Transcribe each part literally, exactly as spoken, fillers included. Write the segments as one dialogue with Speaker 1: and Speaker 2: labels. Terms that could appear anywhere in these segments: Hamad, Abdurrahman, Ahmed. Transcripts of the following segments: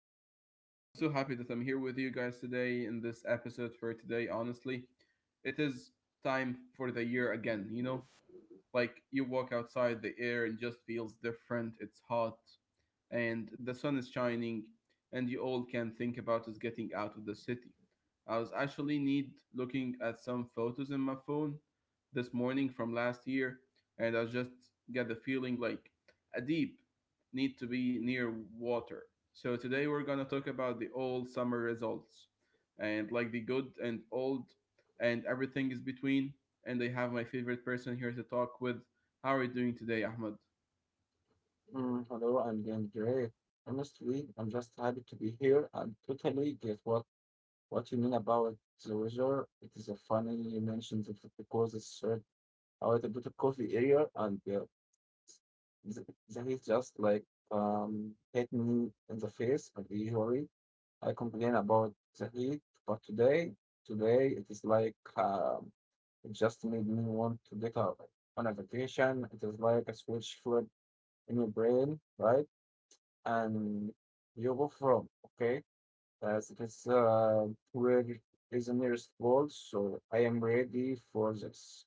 Speaker 1: show. I'm so happy that I'm here with you guys today in this episode for today. Honestly, it is time for the year again, you know? Like you walk outside, the air and just feels different. It's hot, and the sun is shining, and you all can think about is getting out of the city. I was actually need looking at some photos in my phone this morning from last year, and I just get the feeling like a deep need to be near water. So today we're gonna talk about the old summer results, and like the good and old, and everything is between and I have my favorite person here to talk with. How are you doing today, Ahmed?
Speaker 2: Mm, hello, I'm doing great. Honestly, I'm just happy to be here and totally get what, what you mean about the weather. It is a funny you mentioned it because it's uh, out a little bit of coffee area and uh, th- that is just like um hit me in the face and usually I complain about the heat, but today today it is like um it just made me want to get up on a vacation. It is like a switch flip in your brain, right? And you go from, okay? As it is uh, where is the nearest wall, so I am ready for this.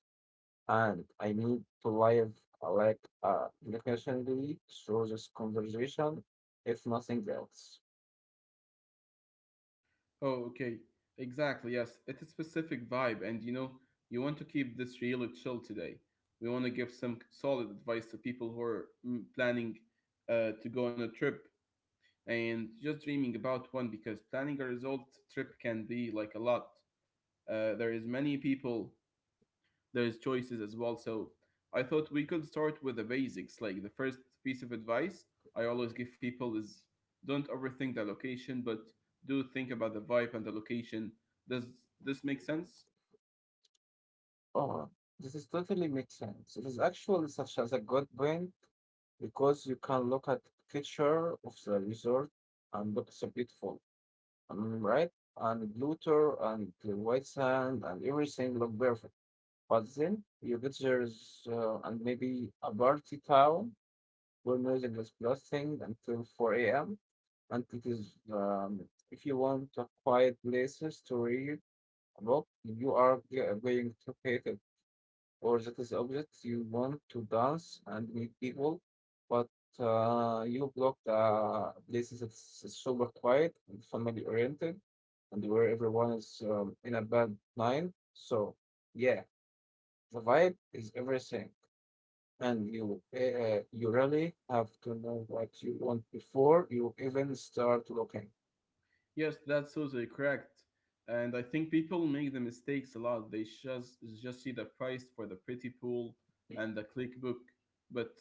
Speaker 2: And I need to live uh, like uh, intentionally through this conversation, if nothing else.
Speaker 1: Oh, okay. Exactly, yes. It's a specific vibe, and you know, you want to keep this really chill today. We want to give some solid advice to people who are mm, planning uh, to go on a trip and just dreaming about one because planning a result trip can be like a lot. Uh, there is many people there's choices as well. So I thought we could start with the basics. Like the first piece of advice I always give people is don't overthink the location, but do think about the vibe and the location. Does this make sense?
Speaker 2: Oh, this is totally makes sense. It is actually such as a good point because you can look at picture of the resort and look so beautiful, um, right? And Pluto and the white sand and everything look perfect. But then you get there's uh, and maybe a party town where music is blasting until four a m. And it is um, if you want a quiet places to read a book, you are g- going to hate it. Or that is opposite, you want to dance and meet people, but uh, you block the places that's super quiet and family oriented, and where everyone is um, in a bad mind. So yeah, the vibe is everything and you uh, you really have to know what you want before you even start looking.
Speaker 1: Yes, that's totally correct. And I think people make the mistakes a lot. They just just see the price for the pretty pool and the click book, but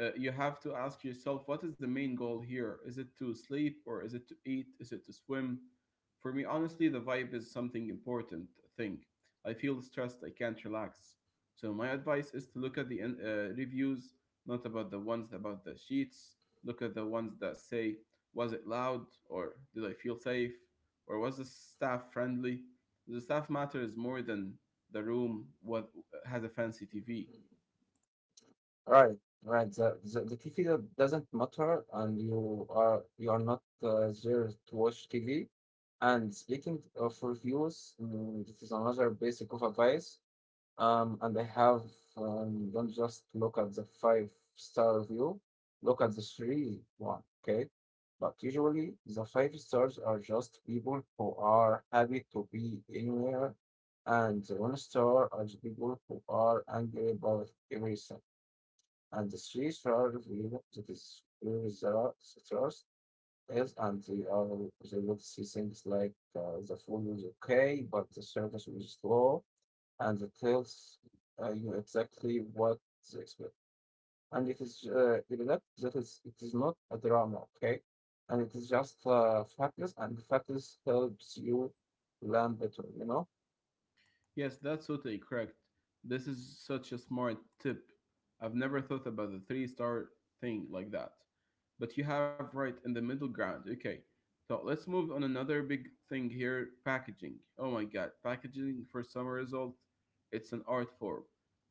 Speaker 1: uh, you have to ask yourself what is the main goal here? Is it to sleep or is it to eat? Is it to swim? For me, honestly, the vibe is something important. I think I feel stressed. I can't relax. So my advice is to look at the uh, reviews, not about the ones about the sheets. Look at the ones that say was it loud, or did I feel safe, or was the staff friendly? The staff matters more than the room what has a fancy T V.
Speaker 2: Right, right. The, the, the T V that doesn't matter, and you are you are not uh, there to watch T V. And speaking of reviews, mm, this is another basic of advice. Um, and I have um, don't just look at the five star review, look at the three one, okay? But usually the five stars are just people who are happy to be anywhere, and the one star are the people who are angry about everything. And the three star review that is where the trust is, and they are they will see things like uh, the food was okay, but the service was slow and it tells uh, you exactly what to expect. And it is uh, it is not that is it is not a drama, okay? And it is just uh, factors, and factors helps you land better, you know.
Speaker 1: Yes, that's totally correct. This is such a smart tip. I've never thought about the three star thing like that. But you have right in the middle ground. Okay. So let's move on another big thing here, packaging. Oh my god, packaging for summer result, it's an art form.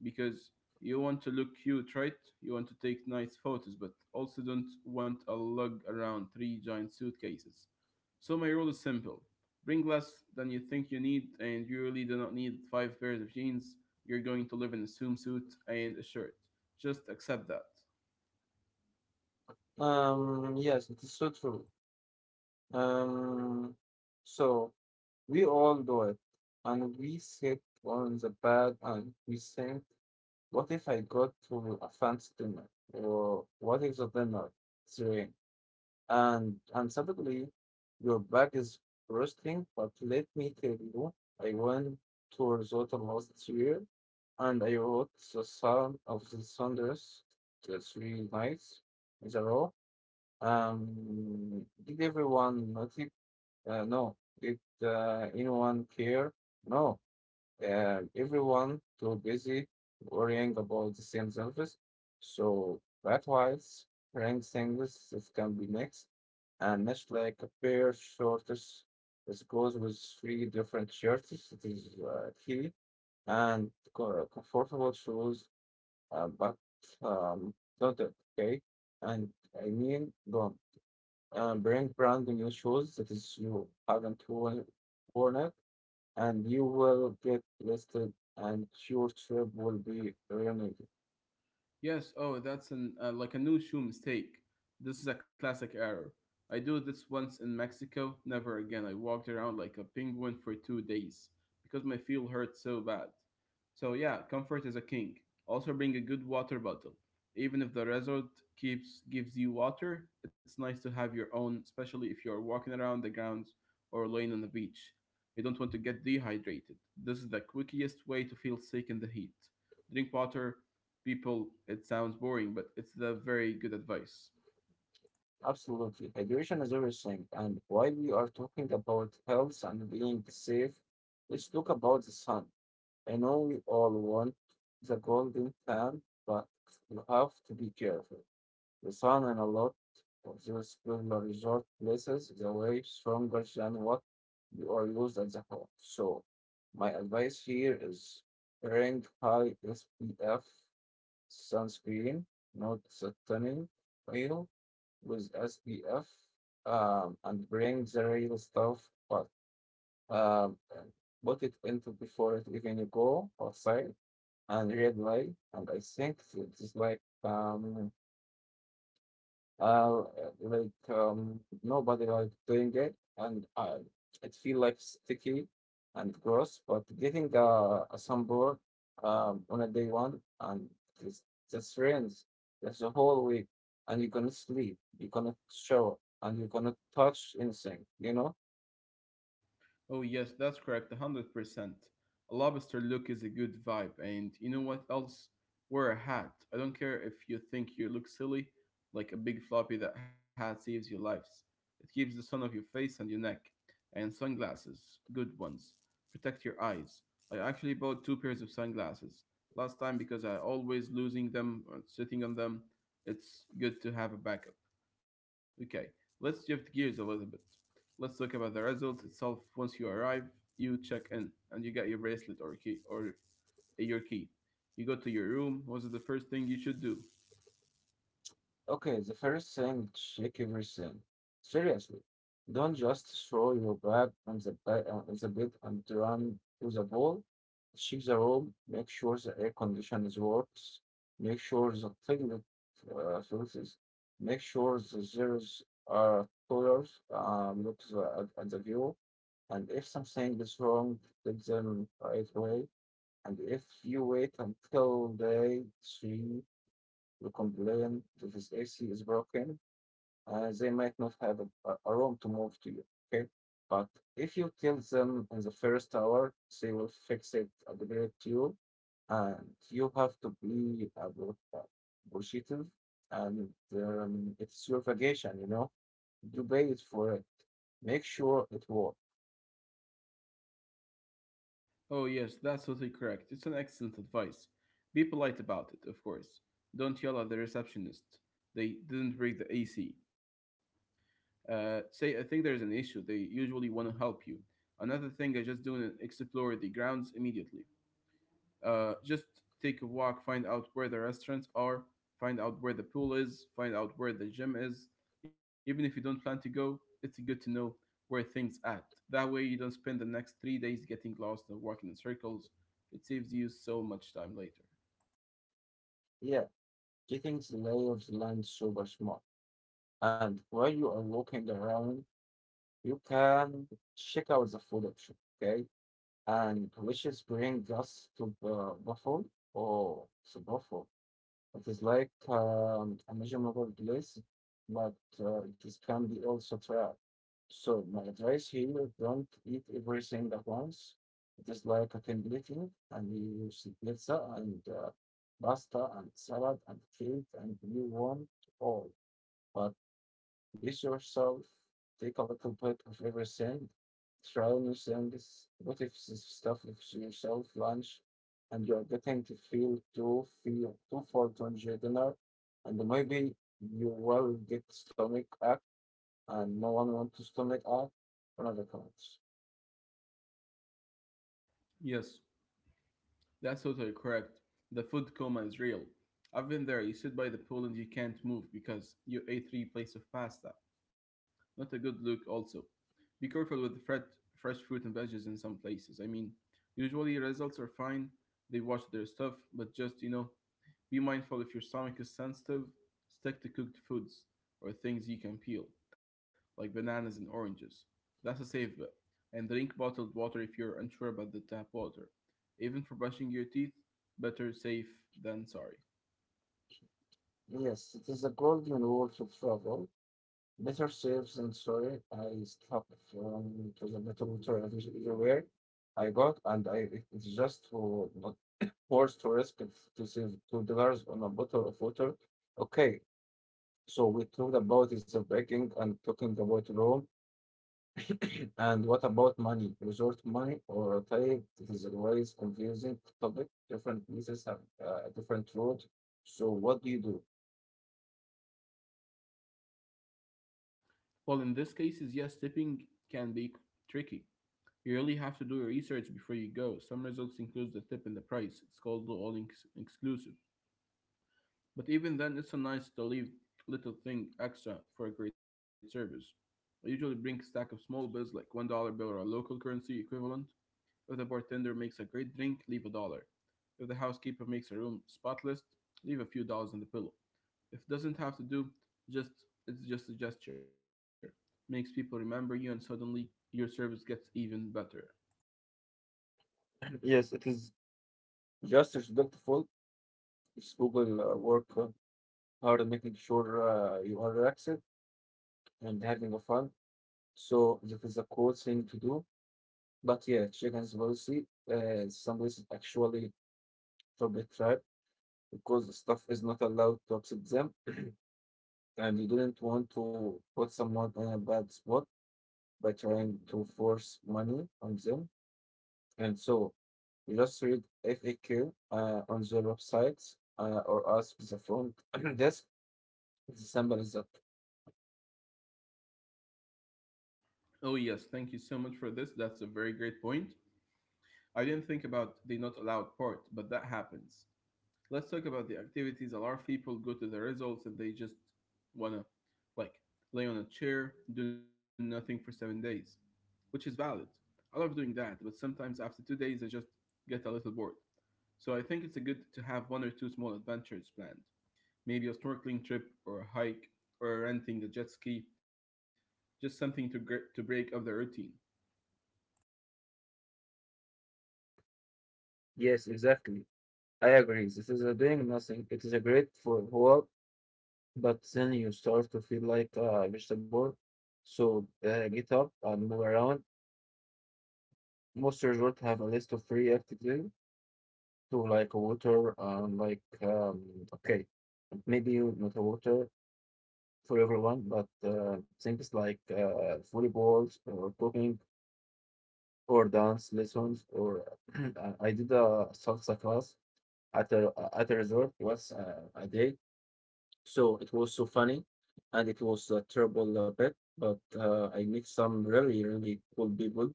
Speaker 1: Because you want to look cute, right? You want to take nice photos, but also don't want a lug around three giant suitcases. So my rule is simple. Bring less than you think you need, and you really do not need five pairs of jeans. You're going to live in a swimsuit and a shirt. Just accept that.
Speaker 2: Um, yes, it is so true. Um, so we all do it, and we sit on the bed and we think, what if I go to a fancy dinner, or what if the dinner is rain? And and suddenly your back is bursting. But let me tell you, I went to Risotto last year and I wrote the Psalm of the Thunders the three nights in a row. Um, did everyone notice? Uh, no. Did uh, anyone care? No. Uh, everyone too busy worrying about the same service. So that wise, rank singles that can be next and much like a pair of shorts that goes with three different shirts. It is uh, key and co- comfortable shoes, uh, but um, don't it, okay? And I mean, don't uh, bring brand new shoes that is you haven't worn, worn it, and you will get listed, and your trip will be ruined.
Speaker 1: Yes, oh, that's an uh, like a new shoe mistake. This is a classic error. I do this once in Mexico, never again. I walked around like a penguin for two days because my feel hurt so bad. So yeah, comfort is a king. Also bring a good water bottle. Even if the resort keeps gives you water, it's nice to have your own, especially if you're walking around the grounds or laying on the beach. You don't want to get dehydrated. This is the quickest way to feel sick in the heat drink water, people it sounds boring but it's the very good advice.
Speaker 2: Absolutely. Hydration is everything. And while we are talking about health and being safe, let's talk about the sun. I know we all want the golden tan, but you have to be careful. The sun in a lot of those popular resort places is way stronger than what you are used at the home. So my advice here is bring high S P F sunscreen, not the tanning oil with S P F, um, and bring the real stuff, but um, and put it into before it even you go outside and red light. And I think it's like um, uh, like um, nobody like doing it, and uh, it feel like sticky and gross. But getting uh, a sunburn um, on a day one, and it's just rains. That's a whole week, and you cannot sleep, you cannot shower, and you cannot touch anything. You know.
Speaker 1: Oh, yes, that's correct, one hundred percent. A lobster look is a good vibe, and you know what else? Wear a hat. I don't care if you think you look silly, like a big floppy that hat saves your lives. It keeps the sun off your face and your neck. And sunglasses, good ones. Protect your eyes. I actually bought two pairs of sunglasses last time because I always losing them or sitting on them. It's good to have a backup. Okay, let's shift gears a little bit. Let's talk about the result itself. Once you arrive, you check in and you get your bracelet or key or your key. You go to your room. What's the first thing you should do?
Speaker 2: Okay, the first thing, check everything. Seriously, don't just throw your bag on the bed, on the bed and run to the wall. Check the room, make sure the air conditioning works, make sure the toilet uh, filters, make sure the zeros are colors, um, look to the, at, at the view, and if something is wrong, take them right away. And if you wait until day three you complain that this A C is broken, uh, they might not have a, a- room to move to you. Okay. But if you tell them in the first hour, they will fix it, upgrade you, and you have to be appreciative. And um, it's your vacation, you know, you pay it for it. Make sure it works.
Speaker 1: Oh yes, that's totally correct. It's an excellent advice. Be polite about it, of course. Don't yell at the receptionist. They didn't break the A C. Uh, say I think there's an issue. They usually want to help you. Another thing I just do is explore the grounds immediately. Uh, just take a walk, find out where the restaurants are, find out where the pool is, find out where the gym is. Even if you don't plan to go, it's good to know where things at. That way you don't spend the next three days getting lost and walking in circles. It saves you so much time later.
Speaker 2: Yeah, getting the lay of the land super smart. And while you are walking around, you can check out the food option. Okay, and which is brings us to uh, Buffalo. Oh, so Buffalo. It is like um, a measurable place, but uh, it is, can be also trap. So my advice here, don't eat everything at once. It is like a templating, and you use pizza and uh, pasta and salad and cake, and you want all. But list yourself, take a little bit of every sin, try new sins, what if this stuff if yourself lunch and you're getting to feel too feel too full to enjoy dinner and maybe you will get stomach ache and no one wants to stomach ache on other cards.
Speaker 1: Yes, that's totally correct. The food coma is real. I've been there. You sit by the pool and you can't move because you ate three plates of pasta. Not a good look, also. Be careful with fresh, fresh fruit and veggies in some places. I mean, usually results are fine, they wash their stuff, but just, you know, be mindful if your stomach is sensitive, stick to cooked foods or things you can peel, like bananas and oranges. That's a safe bet. And drink bottled water if you're unsure about the tap water. Even for brushing your teeth, better safe than sorry.
Speaker 2: Yes, it is a golden rule to travel. Better safe than sorry. I stopped from to the metal water everywhere I got and I it- it's just to not forced to risk f- to save two dollars on a bottle of water. Okay, so we talked about is the banking and talking about Rome. and what about money? Resort money or type? It is always confusing topic. Different places have uh, a different road. So what do you do?
Speaker 1: Well, in this case, yes, tipping can be tricky. You really have to do your research before you go. Some results include the tip and the price. It's called the all inc- exclusive. But even then, it's a nice to leave little thing extra for a great service. I usually bring a stack of small bills, like one dollar bill or a local currency equivalent. If the bartender makes a great drink, leave a dollar. If the housekeeper makes a room spotless, leave a few dollars on the pillow. If it doesn't have to do, just it's just a gesture. Makes people remember you, and suddenly your service gets even better.
Speaker 2: yes, it is just respectful. Just Google uh, work uh, hard, making sure uh, you are relaxed and having a fun. So that is a cool thing to do. But yeah, chicken's policy, uh, some places actually forbid tribe because stuff is not allowed to upset them, and you didn't want to put someone in a bad spot by trying to force money on them. And so you just read F A Q uh, on their websites uh, or ask the front desk. The symbol is up.
Speaker 1: Oh, yes, thank you so much for this. That's a very great point. I didn't think about the not allowed part, but that happens. Let's talk about the activities. A lot of people go to the results and they just wanna, like, lay on a chair, do nothing for seven days, which is valid. I love doing that, but sometimes after two days, I just get a little bored. So I think it's a good to have one or two small adventures planned. Maybe a snorkeling trip or a hike or renting a jet ski, just something to, gr- to break up the routine.
Speaker 2: Yes, exactly. I agree. This is a doing nothing. It is a great for whole. But then you start to feel like a vegetable. So uh, get up and move around. Most resorts have a list of free activities to like water and like um, okay, maybe not a water for everyone, but uh, things like uh, volleyballs or cooking or dance lessons or I I did a salsa class at a at a resort once uh, a day. So it was so funny, and it was a terrible bit, but uh, I met some really, really cool people.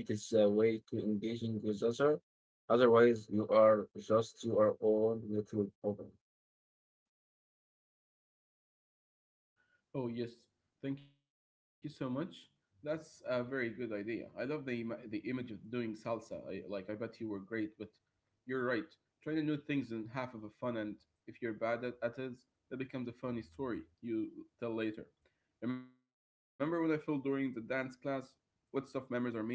Speaker 2: It is a way to engaging with other. Otherwise, you are just your own little problem.
Speaker 1: Oh yes, thank you so much. That's a very good idea. I love the ima- the image of doing salsa. I, like I bet you were great, but you're right. Trying new things is half of the fun, and if you're bad at, at it, that becomes a funny story you tell later. Remember when I felt during the dance class? What stuff memories are made of. So,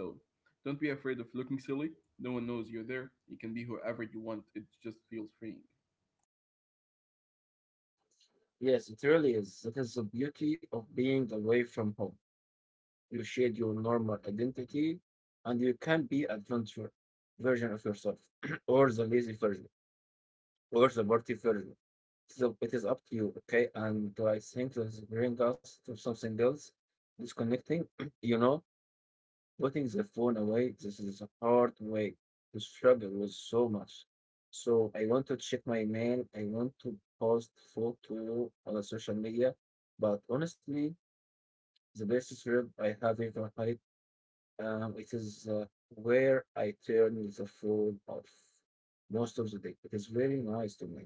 Speaker 1: don't be afraid of looking silly. No one knows you're there. You can be whoever you want. It just feels freeing.
Speaker 2: Yes, it really is. That is the beauty of being away from home. You shed your normal identity, and you can be adventure version of yourself or the lazy version. Where's the party version. So it is up to you, okay? And I think this brings us to something else. Disconnecting, you know, putting the phone away. This is a hard way to struggle with so much. So I want to check my mail. I want to post photo on the social media. But honestly, the best trip I have ever had, um, it is uh, where I turn the phone off most of the day. It is very nice to me.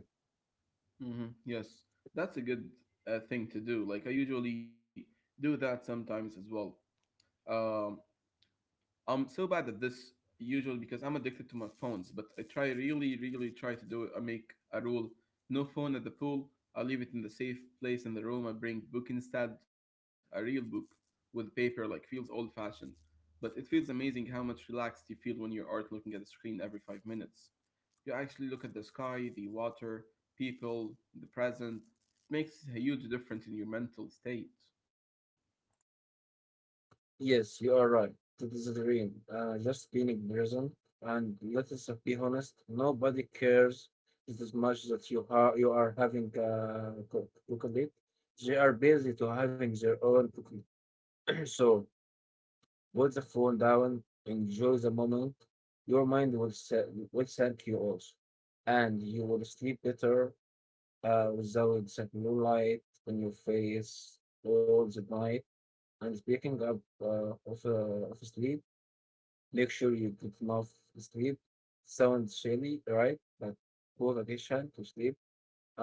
Speaker 1: Hmm, yes, that's a good uh, thing to do. Like I usually do that sometimes as well. Um, I'm so bad at this usually because I'm addicted to my phones. But I try really, really try to do it. I make a rule: no phone at the pool. I leave it in the safe place in the room. I bring book instead, a real book with paper. Like feels old fashioned, but it feels amazing how much relaxed you feel when you aren't looking at the screen every five minutes. You actually look at the sky, the water, people, the present. It makes a huge difference in your mental state.
Speaker 2: Yes, you are right. That is the dream. Uh, just being present. And let us be honest, nobody cares as much that you are you are having a co- crocodile. They are busy to having their own crocodile. so put the phone down, enjoy the moment. Your mind will sa- will thank you also, and you will sleep better uh, without that blue light on your face all the night. And speaking up uh, of uh, of sleep. Make sure you get enough sleep. Sounds silly, right? But poor addiction to sleep.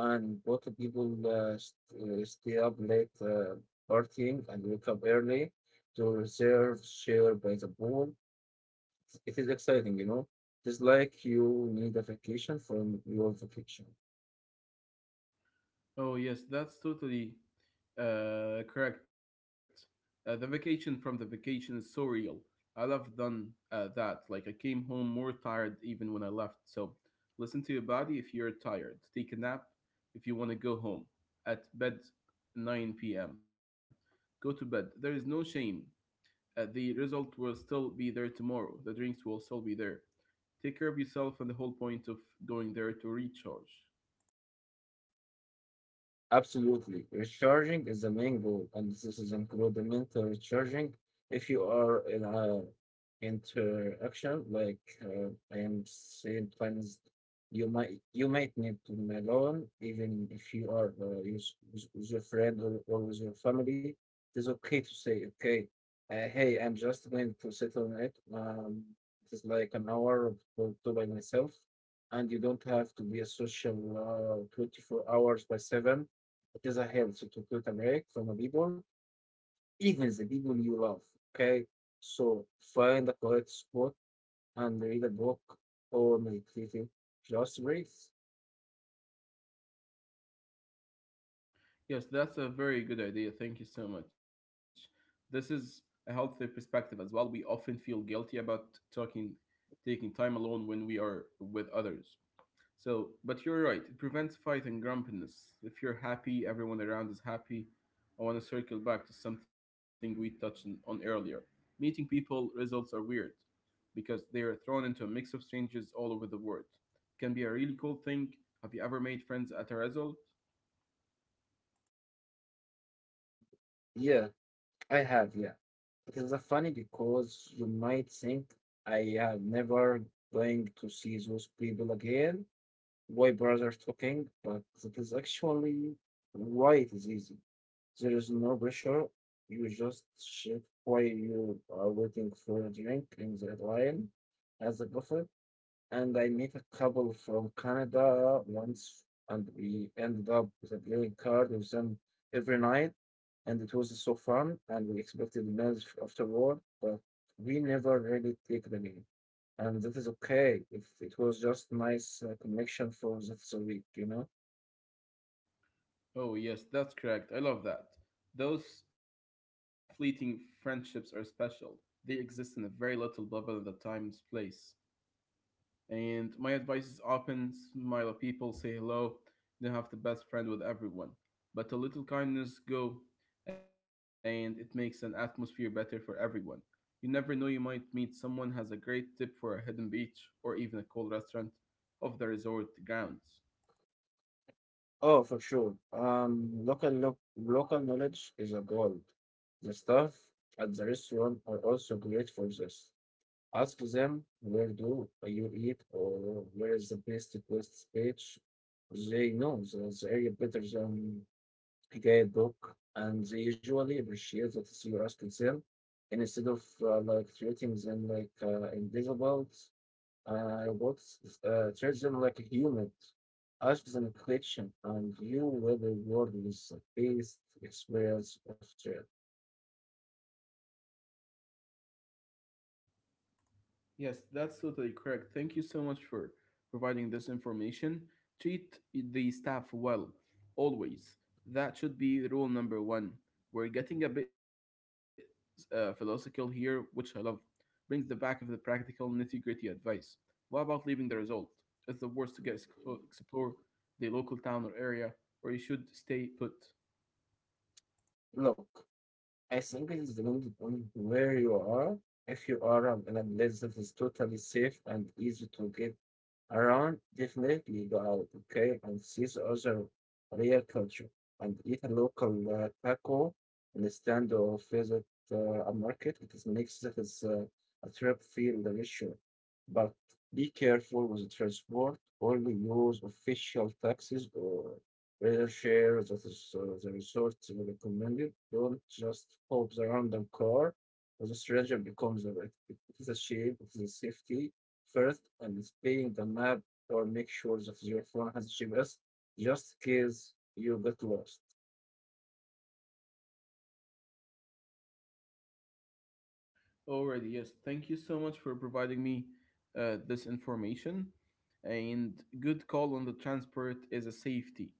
Speaker 2: And a lot of people uh, st- uh, stay up late uh, partying and wake up early to reserve share by the pool. It is exciting, you know. It's like you need a vacation from your vacation.
Speaker 1: Oh, yes, that's totally uh, correct. Uh, the vacation from the vacation is so real. I love done uh, that. Like, I came home more tired even when I left. So, listen to your body if you're tired. Take a nap if you want to go home. At bed, nine p m. Go to bed. There is no shame. Uh, the result will still be there tomorrow. The drinks will still be there. Take care of yourself and the whole point of going there to recharge.
Speaker 2: Absolutely. Recharging is the main goal, and this is include the mental recharging. If you are in a interaction, like uh, I am saying, sometimes you might you might need to be alone, even if you are uh, use- with, with your friend or, or with your family. It's okay to say, okay, uh, hey, I'm just going to sit on it. Um, it's like an hour or two by myself, and you don't have to be a social uh, twenty-four hours by seven because I have to cut a break from a people, even the people you love. Okay, so find the correct spot and read a book or meditate. Just breathe.
Speaker 1: Yes, that's a very good idea. Thank you so much. This is a healthy perspective as well. We often feel guilty about talking, taking time alone when we are with others. So, but you're right. It prevents fight and grumpiness. If you're happy, everyone around is happy. I want to circle back to something we touched on on earlier. Meeting people results are weird, because they are thrown into a mix of strangers all over the world. It can be a really cool thing. Have you ever made friends at a resort?
Speaker 2: Yeah, I have. Yeah, it is uh, funny because you might think I am never going to see those people again. Why brothers talking? But that is actually why it is easy. There is no pressure. You just shit while you are waiting for a drink in the Red Lion as a buffet. And I met a couple from Canada once, and we ended up with a playing card with them every night. And it was so fun, and we expected meals afterward, but we never really take the meal. And that is okay if it was just nice uh, connection for that week, you know?
Speaker 1: Oh, yes, that's correct. I love that. Those fleeting friendships are special. They exist in a very little bubble in the time's place. And my advice is open, smile at people, say hello. You don't have to best friend with everyone, but a little kindness go, and it makes an atmosphere better for everyone. You never know, you might meet someone has a great tip for a hidden beach or even a cool restaurant off the resort grounds.
Speaker 2: Oh, for sure. Um, local lo- local knowledge is a gold. The staff at the restaurant are also great for this. Ask them where do you eat or where is the best request page. They know the, the area better than a guidebook, and they usually appreciate that you ask them, and instead of uh, like treating them like uh, invisible. Uh, robots uh, treat them like humans. Ask them a question, and you will be rewarded with the best experience of trade.
Speaker 1: Yes, that's totally correct. Thank you so much for providing this information. Treat the staff well, always. That should be rule number one. We're getting a bit uh, philosophical here, which I love. Brings the back of the practical, nitty gritty advice. What about leaving the result? It's the worst to get explo- explore the local town or area, or you should stay put.
Speaker 2: Look, I think it depends on where you are. If you are um, in a place that is totally safe and easy to get around, definitely go out, okay, and see the other real culture and eat a local uh, taco instead of visit uh, a market. It is makes that is uh, a trip feel richer. But be careful with the transport. Only use official taxis or rather share that is uh, the resort recommended. Don't just hope the random car or the strategy becomes the right. It is the shape, it is the safety first, and it's paying the map or make sure that your phone has G P S just in case you get lost.
Speaker 1: Alrighty, yes. Thank you so much for providing me uh, this information. And good call on the transport is a safety.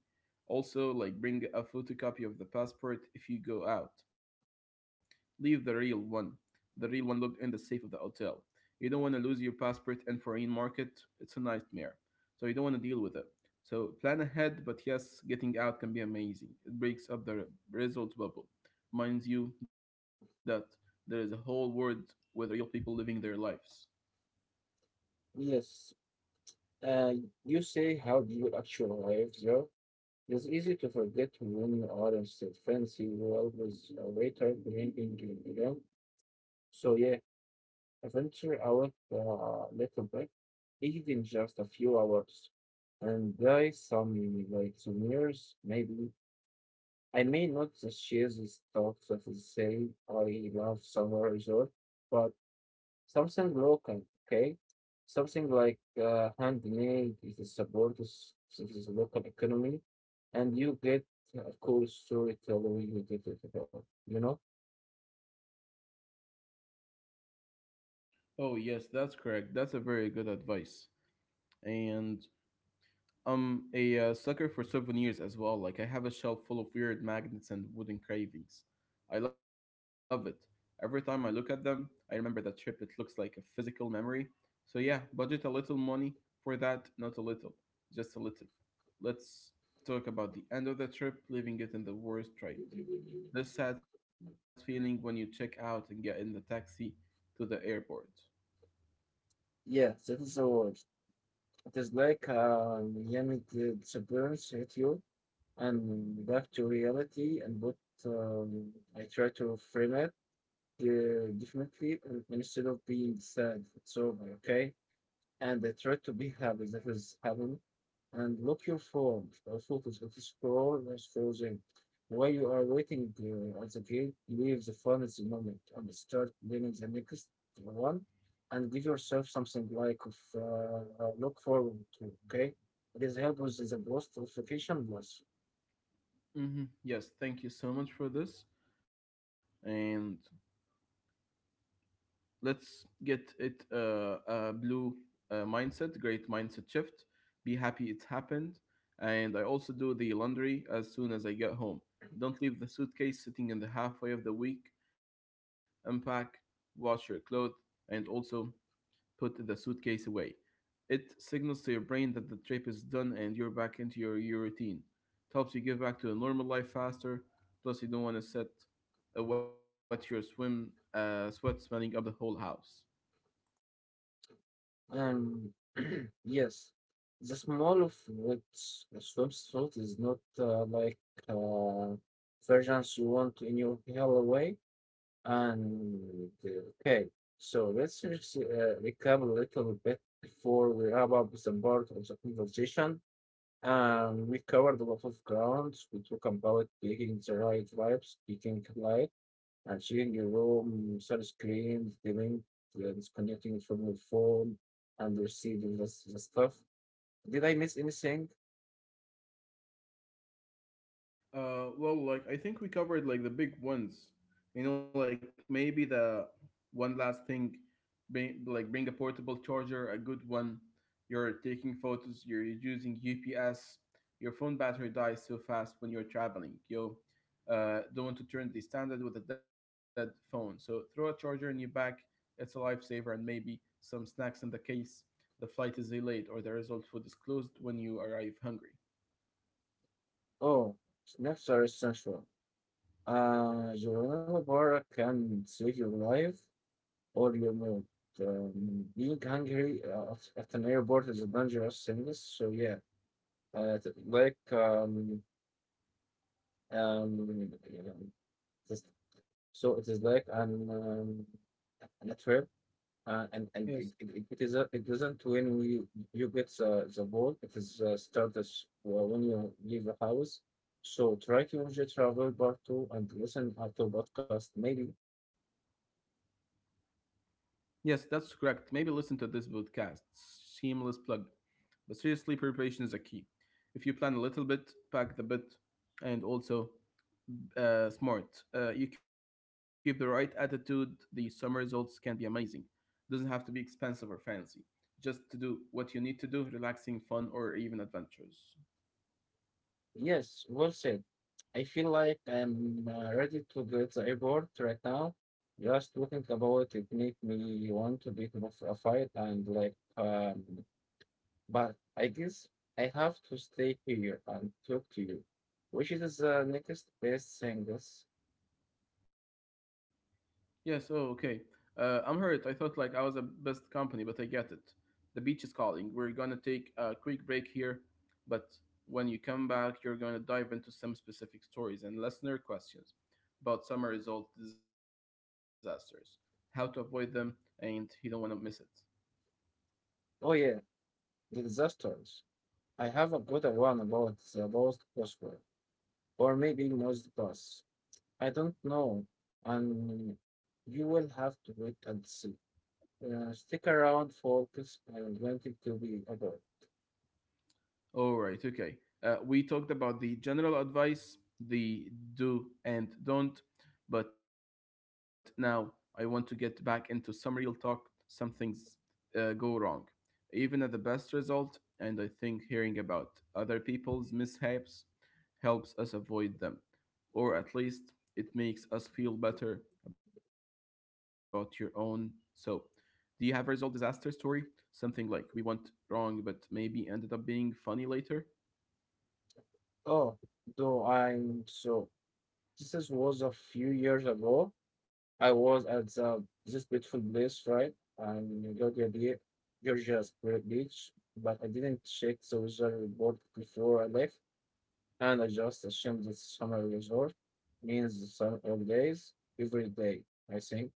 Speaker 1: Also, like bring a photocopy of the passport if you go out. Leave the real one. The real one looked in the safe of the hotel. You don't want to lose your passport in foreign market. It's a nightmare. So you don't want to deal with it. So plan ahead, but yes, getting out can be amazing. It breaks up the result bubble. Minds you that there is a whole world with real people living their lives.
Speaker 2: Yes, and you say how do you actually arrive there? It's easy to forget when you are in saint Fancy, well, with a waiter bringing you along. So yeah, venture out a little bit, even just a few hours, and buy some like souvenirs, maybe. I may not purchase the stuff that is say I love summer resort, but something local, okay? Something like uh, handmade it supports the local economy, and you get a cool storyteller you get it about, you know?
Speaker 1: Oh, yes, that's correct. That's a very good advice. And I'm a uh, sucker for souvenirs as well. Like, I have a shelf full of weird magnets and wooden cravings. I love it. Every time I look at them, I remember that trip. It looks like a physical memory. So, yeah, budget a little money for that. Not a little, just a little. Let's talk about the end of the trip, leaving it in the worst right. This sad feeling when you check out and get in the taxi to the airport.
Speaker 2: Yeah, that is the word. It is like a Miami di- disappearance hit you and back to reality, and but um, I try to frame it uh, differently uh, instead of being sad. It's over, okay? And they try to be happy that is heaven, and look your phone or photos. It is scroll is frozen. While you are waiting uh, at the gate, leave the phone at the moment and start planning the next one. And give yourself something like of uh, uh, look forward to. Okay, this helps with the boost of efficient loss.
Speaker 1: hmm Yes, thank you so much for this. And let's get it uh, a blue uh, mindset, great mindset shift. Be happy it's happened. And I also do the laundry as soon as I get home. Don't leave the suitcase sitting in the halfway of the week. Unpack, wash your clothes, and also put the suitcase away. It signals to your brain that the trip is done and you're back into your, your routine. It helps you get back to a normal life faster. Plus, you don't want to set uh, wet your swim uh, sweat smelling up the whole house.
Speaker 2: Um, yes, the small of what swimsuit is not uh, like. Uh, Versions you want in your hell way. And uh, okay, so let's just, uh, recap a little bit before we wrap up some part of the conversation. Um, we covered a lot of grounds. We talk about picking the right vibes, picking light, and chilling your room, sunscreen, dimming, uh, disconnecting from your phone, and receiving this, the stuff. Did I miss anything?
Speaker 1: Uh, well, like I think we covered like the big ones. You know, like maybe the one last thing, bring like bring a portable charger, a good one. You're taking photos. You're using U P S. Your phone battery dies so fast when you're traveling. You uh, don't want to turn the standard with a dead phone. So throw a charger in your bag. It's a lifesaver, and maybe some snacks in the case. The flight is delayed, or the result food is closed when you arrive hungry.
Speaker 2: Oh, snaps are essential. Uh, Joanna Barra can save your life or audio. Um, being hungry uh, at at an airport is a dangerous sickness. So yeah, uh, t- like um um yeah, just, so it is like an um, an a trip. Uh, and and it, it,
Speaker 1: Yes.
Speaker 2: it it is a, it doesn't when we you get the, the ball it is uh, starts uh, when you leave the house, so try to enjoy travel part two and listen uh, to podcast maybe.
Speaker 1: Yes, that's correct. Maybe listen to this podcast. Seamless plug. But seriously, preparation is a key. If you plan a little bit, pack the bit, and also uh, smart. Uh, you keep the right attitude, the summer results can be amazing. Doesn't have to be expensive or fancy. Just to do what you need to do, relaxing, fun, or even adventures.
Speaker 2: Yes, well said. I feel like I'm uh, ready to go to the airport right now. Just talking about it make me want to pick up a fight and like, um, but I guess I have to stay here and talk to you, which is the next best singles.
Speaker 1: Yes, oh, okay. Uh, I'm hurt. I thought like I was the best company, but I get it. The beach is calling. We're gonna take a quick break here, but when you come back, you're gonna dive into some specific stories and listener questions about summer result disasters, how to avoid them, and you don't wanna miss it.
Speaker 2: Oh yeah, the disasters. I have a good one about the lost gospel, or maybe most bus. I don't know, and you will have to wait and see. Uh, stick around, focus, and wanting to be adult.
Speaker 1: All right, okay. Uh, we talked about the general advice, the do and don't, but now I want to get back into some real talk, some things uh, go wrong, even at the best result. And I think hearing about other people's mishaps helps us avoid them, or at least it makes us feel better about your own. So, do you have a result disaster story? Something like we went wrong but maybe ended up being funny later?
Speaker 2: Oh, though I'm so. This was a few years ago. I was at the, this beautiful place, right? And Georgia, Bea- Georgia Spirit Beach, but I didn't check the weather report before I left, and I just assumed that summer resort means the sun all days, every day, I think.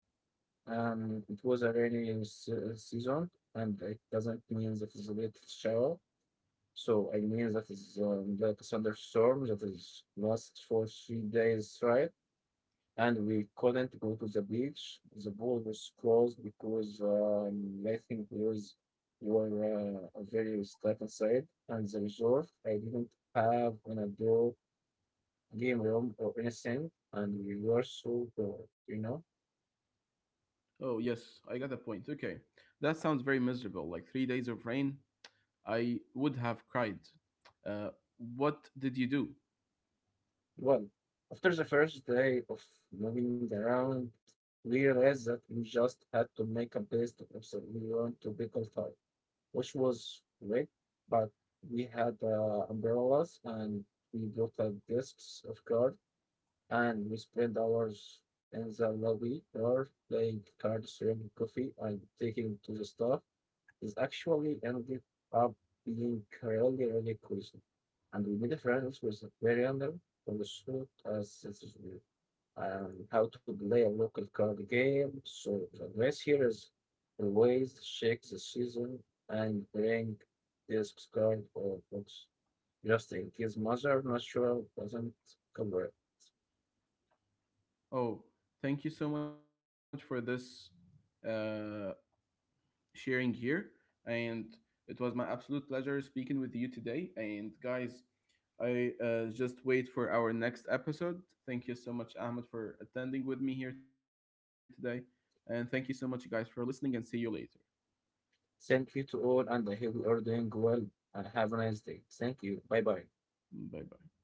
Speaker 2: And it was a rainy se- season, and it doesn't mean that it's a little shower. So I mean that is um, like a thunderstorm that is last for three days, right? And we couldn't go to the beach. The pool was closed because um, I think we was we were uh, very stuck inside. And the resort, I didn't have an adult game room or anything, and we were so bored, you know.
Speaker 1: Oh, yes, I got the point. Okay. That sounds very miserable. Like three days of rain, I would have cried. Uh, what did you do?
Speaker 2: Well, after the first day of moving around, we realized that we just had to make a best of the we want to be qualified, which was wet, but we had uh, umbrellas and we brought uh, discs of cards and we spent hours in the lobby or playing cards, drinking coffee, and taking to the staff. It actually ended up being really, really cozy. And we made friends with the bartender who showed us this um, how to play a local card game. So the advice here is always check the season and bring this card or books just in case mother natural doesn't cover it.
Speaker 1: Oh, thank you so much for this uh, sharing here. And it was my absolute pleasure speaking with you today. And guys, I uh, just wait for our next episode. Thank you so much, Ahmed, for attending with me here today. And thank you so much, guys, for listening. And see you later.
Speaker 2: Thank you to all and I hope you are doing well and have a nice day. Thank you. Bye bye.
Speaker 1: Bye bye.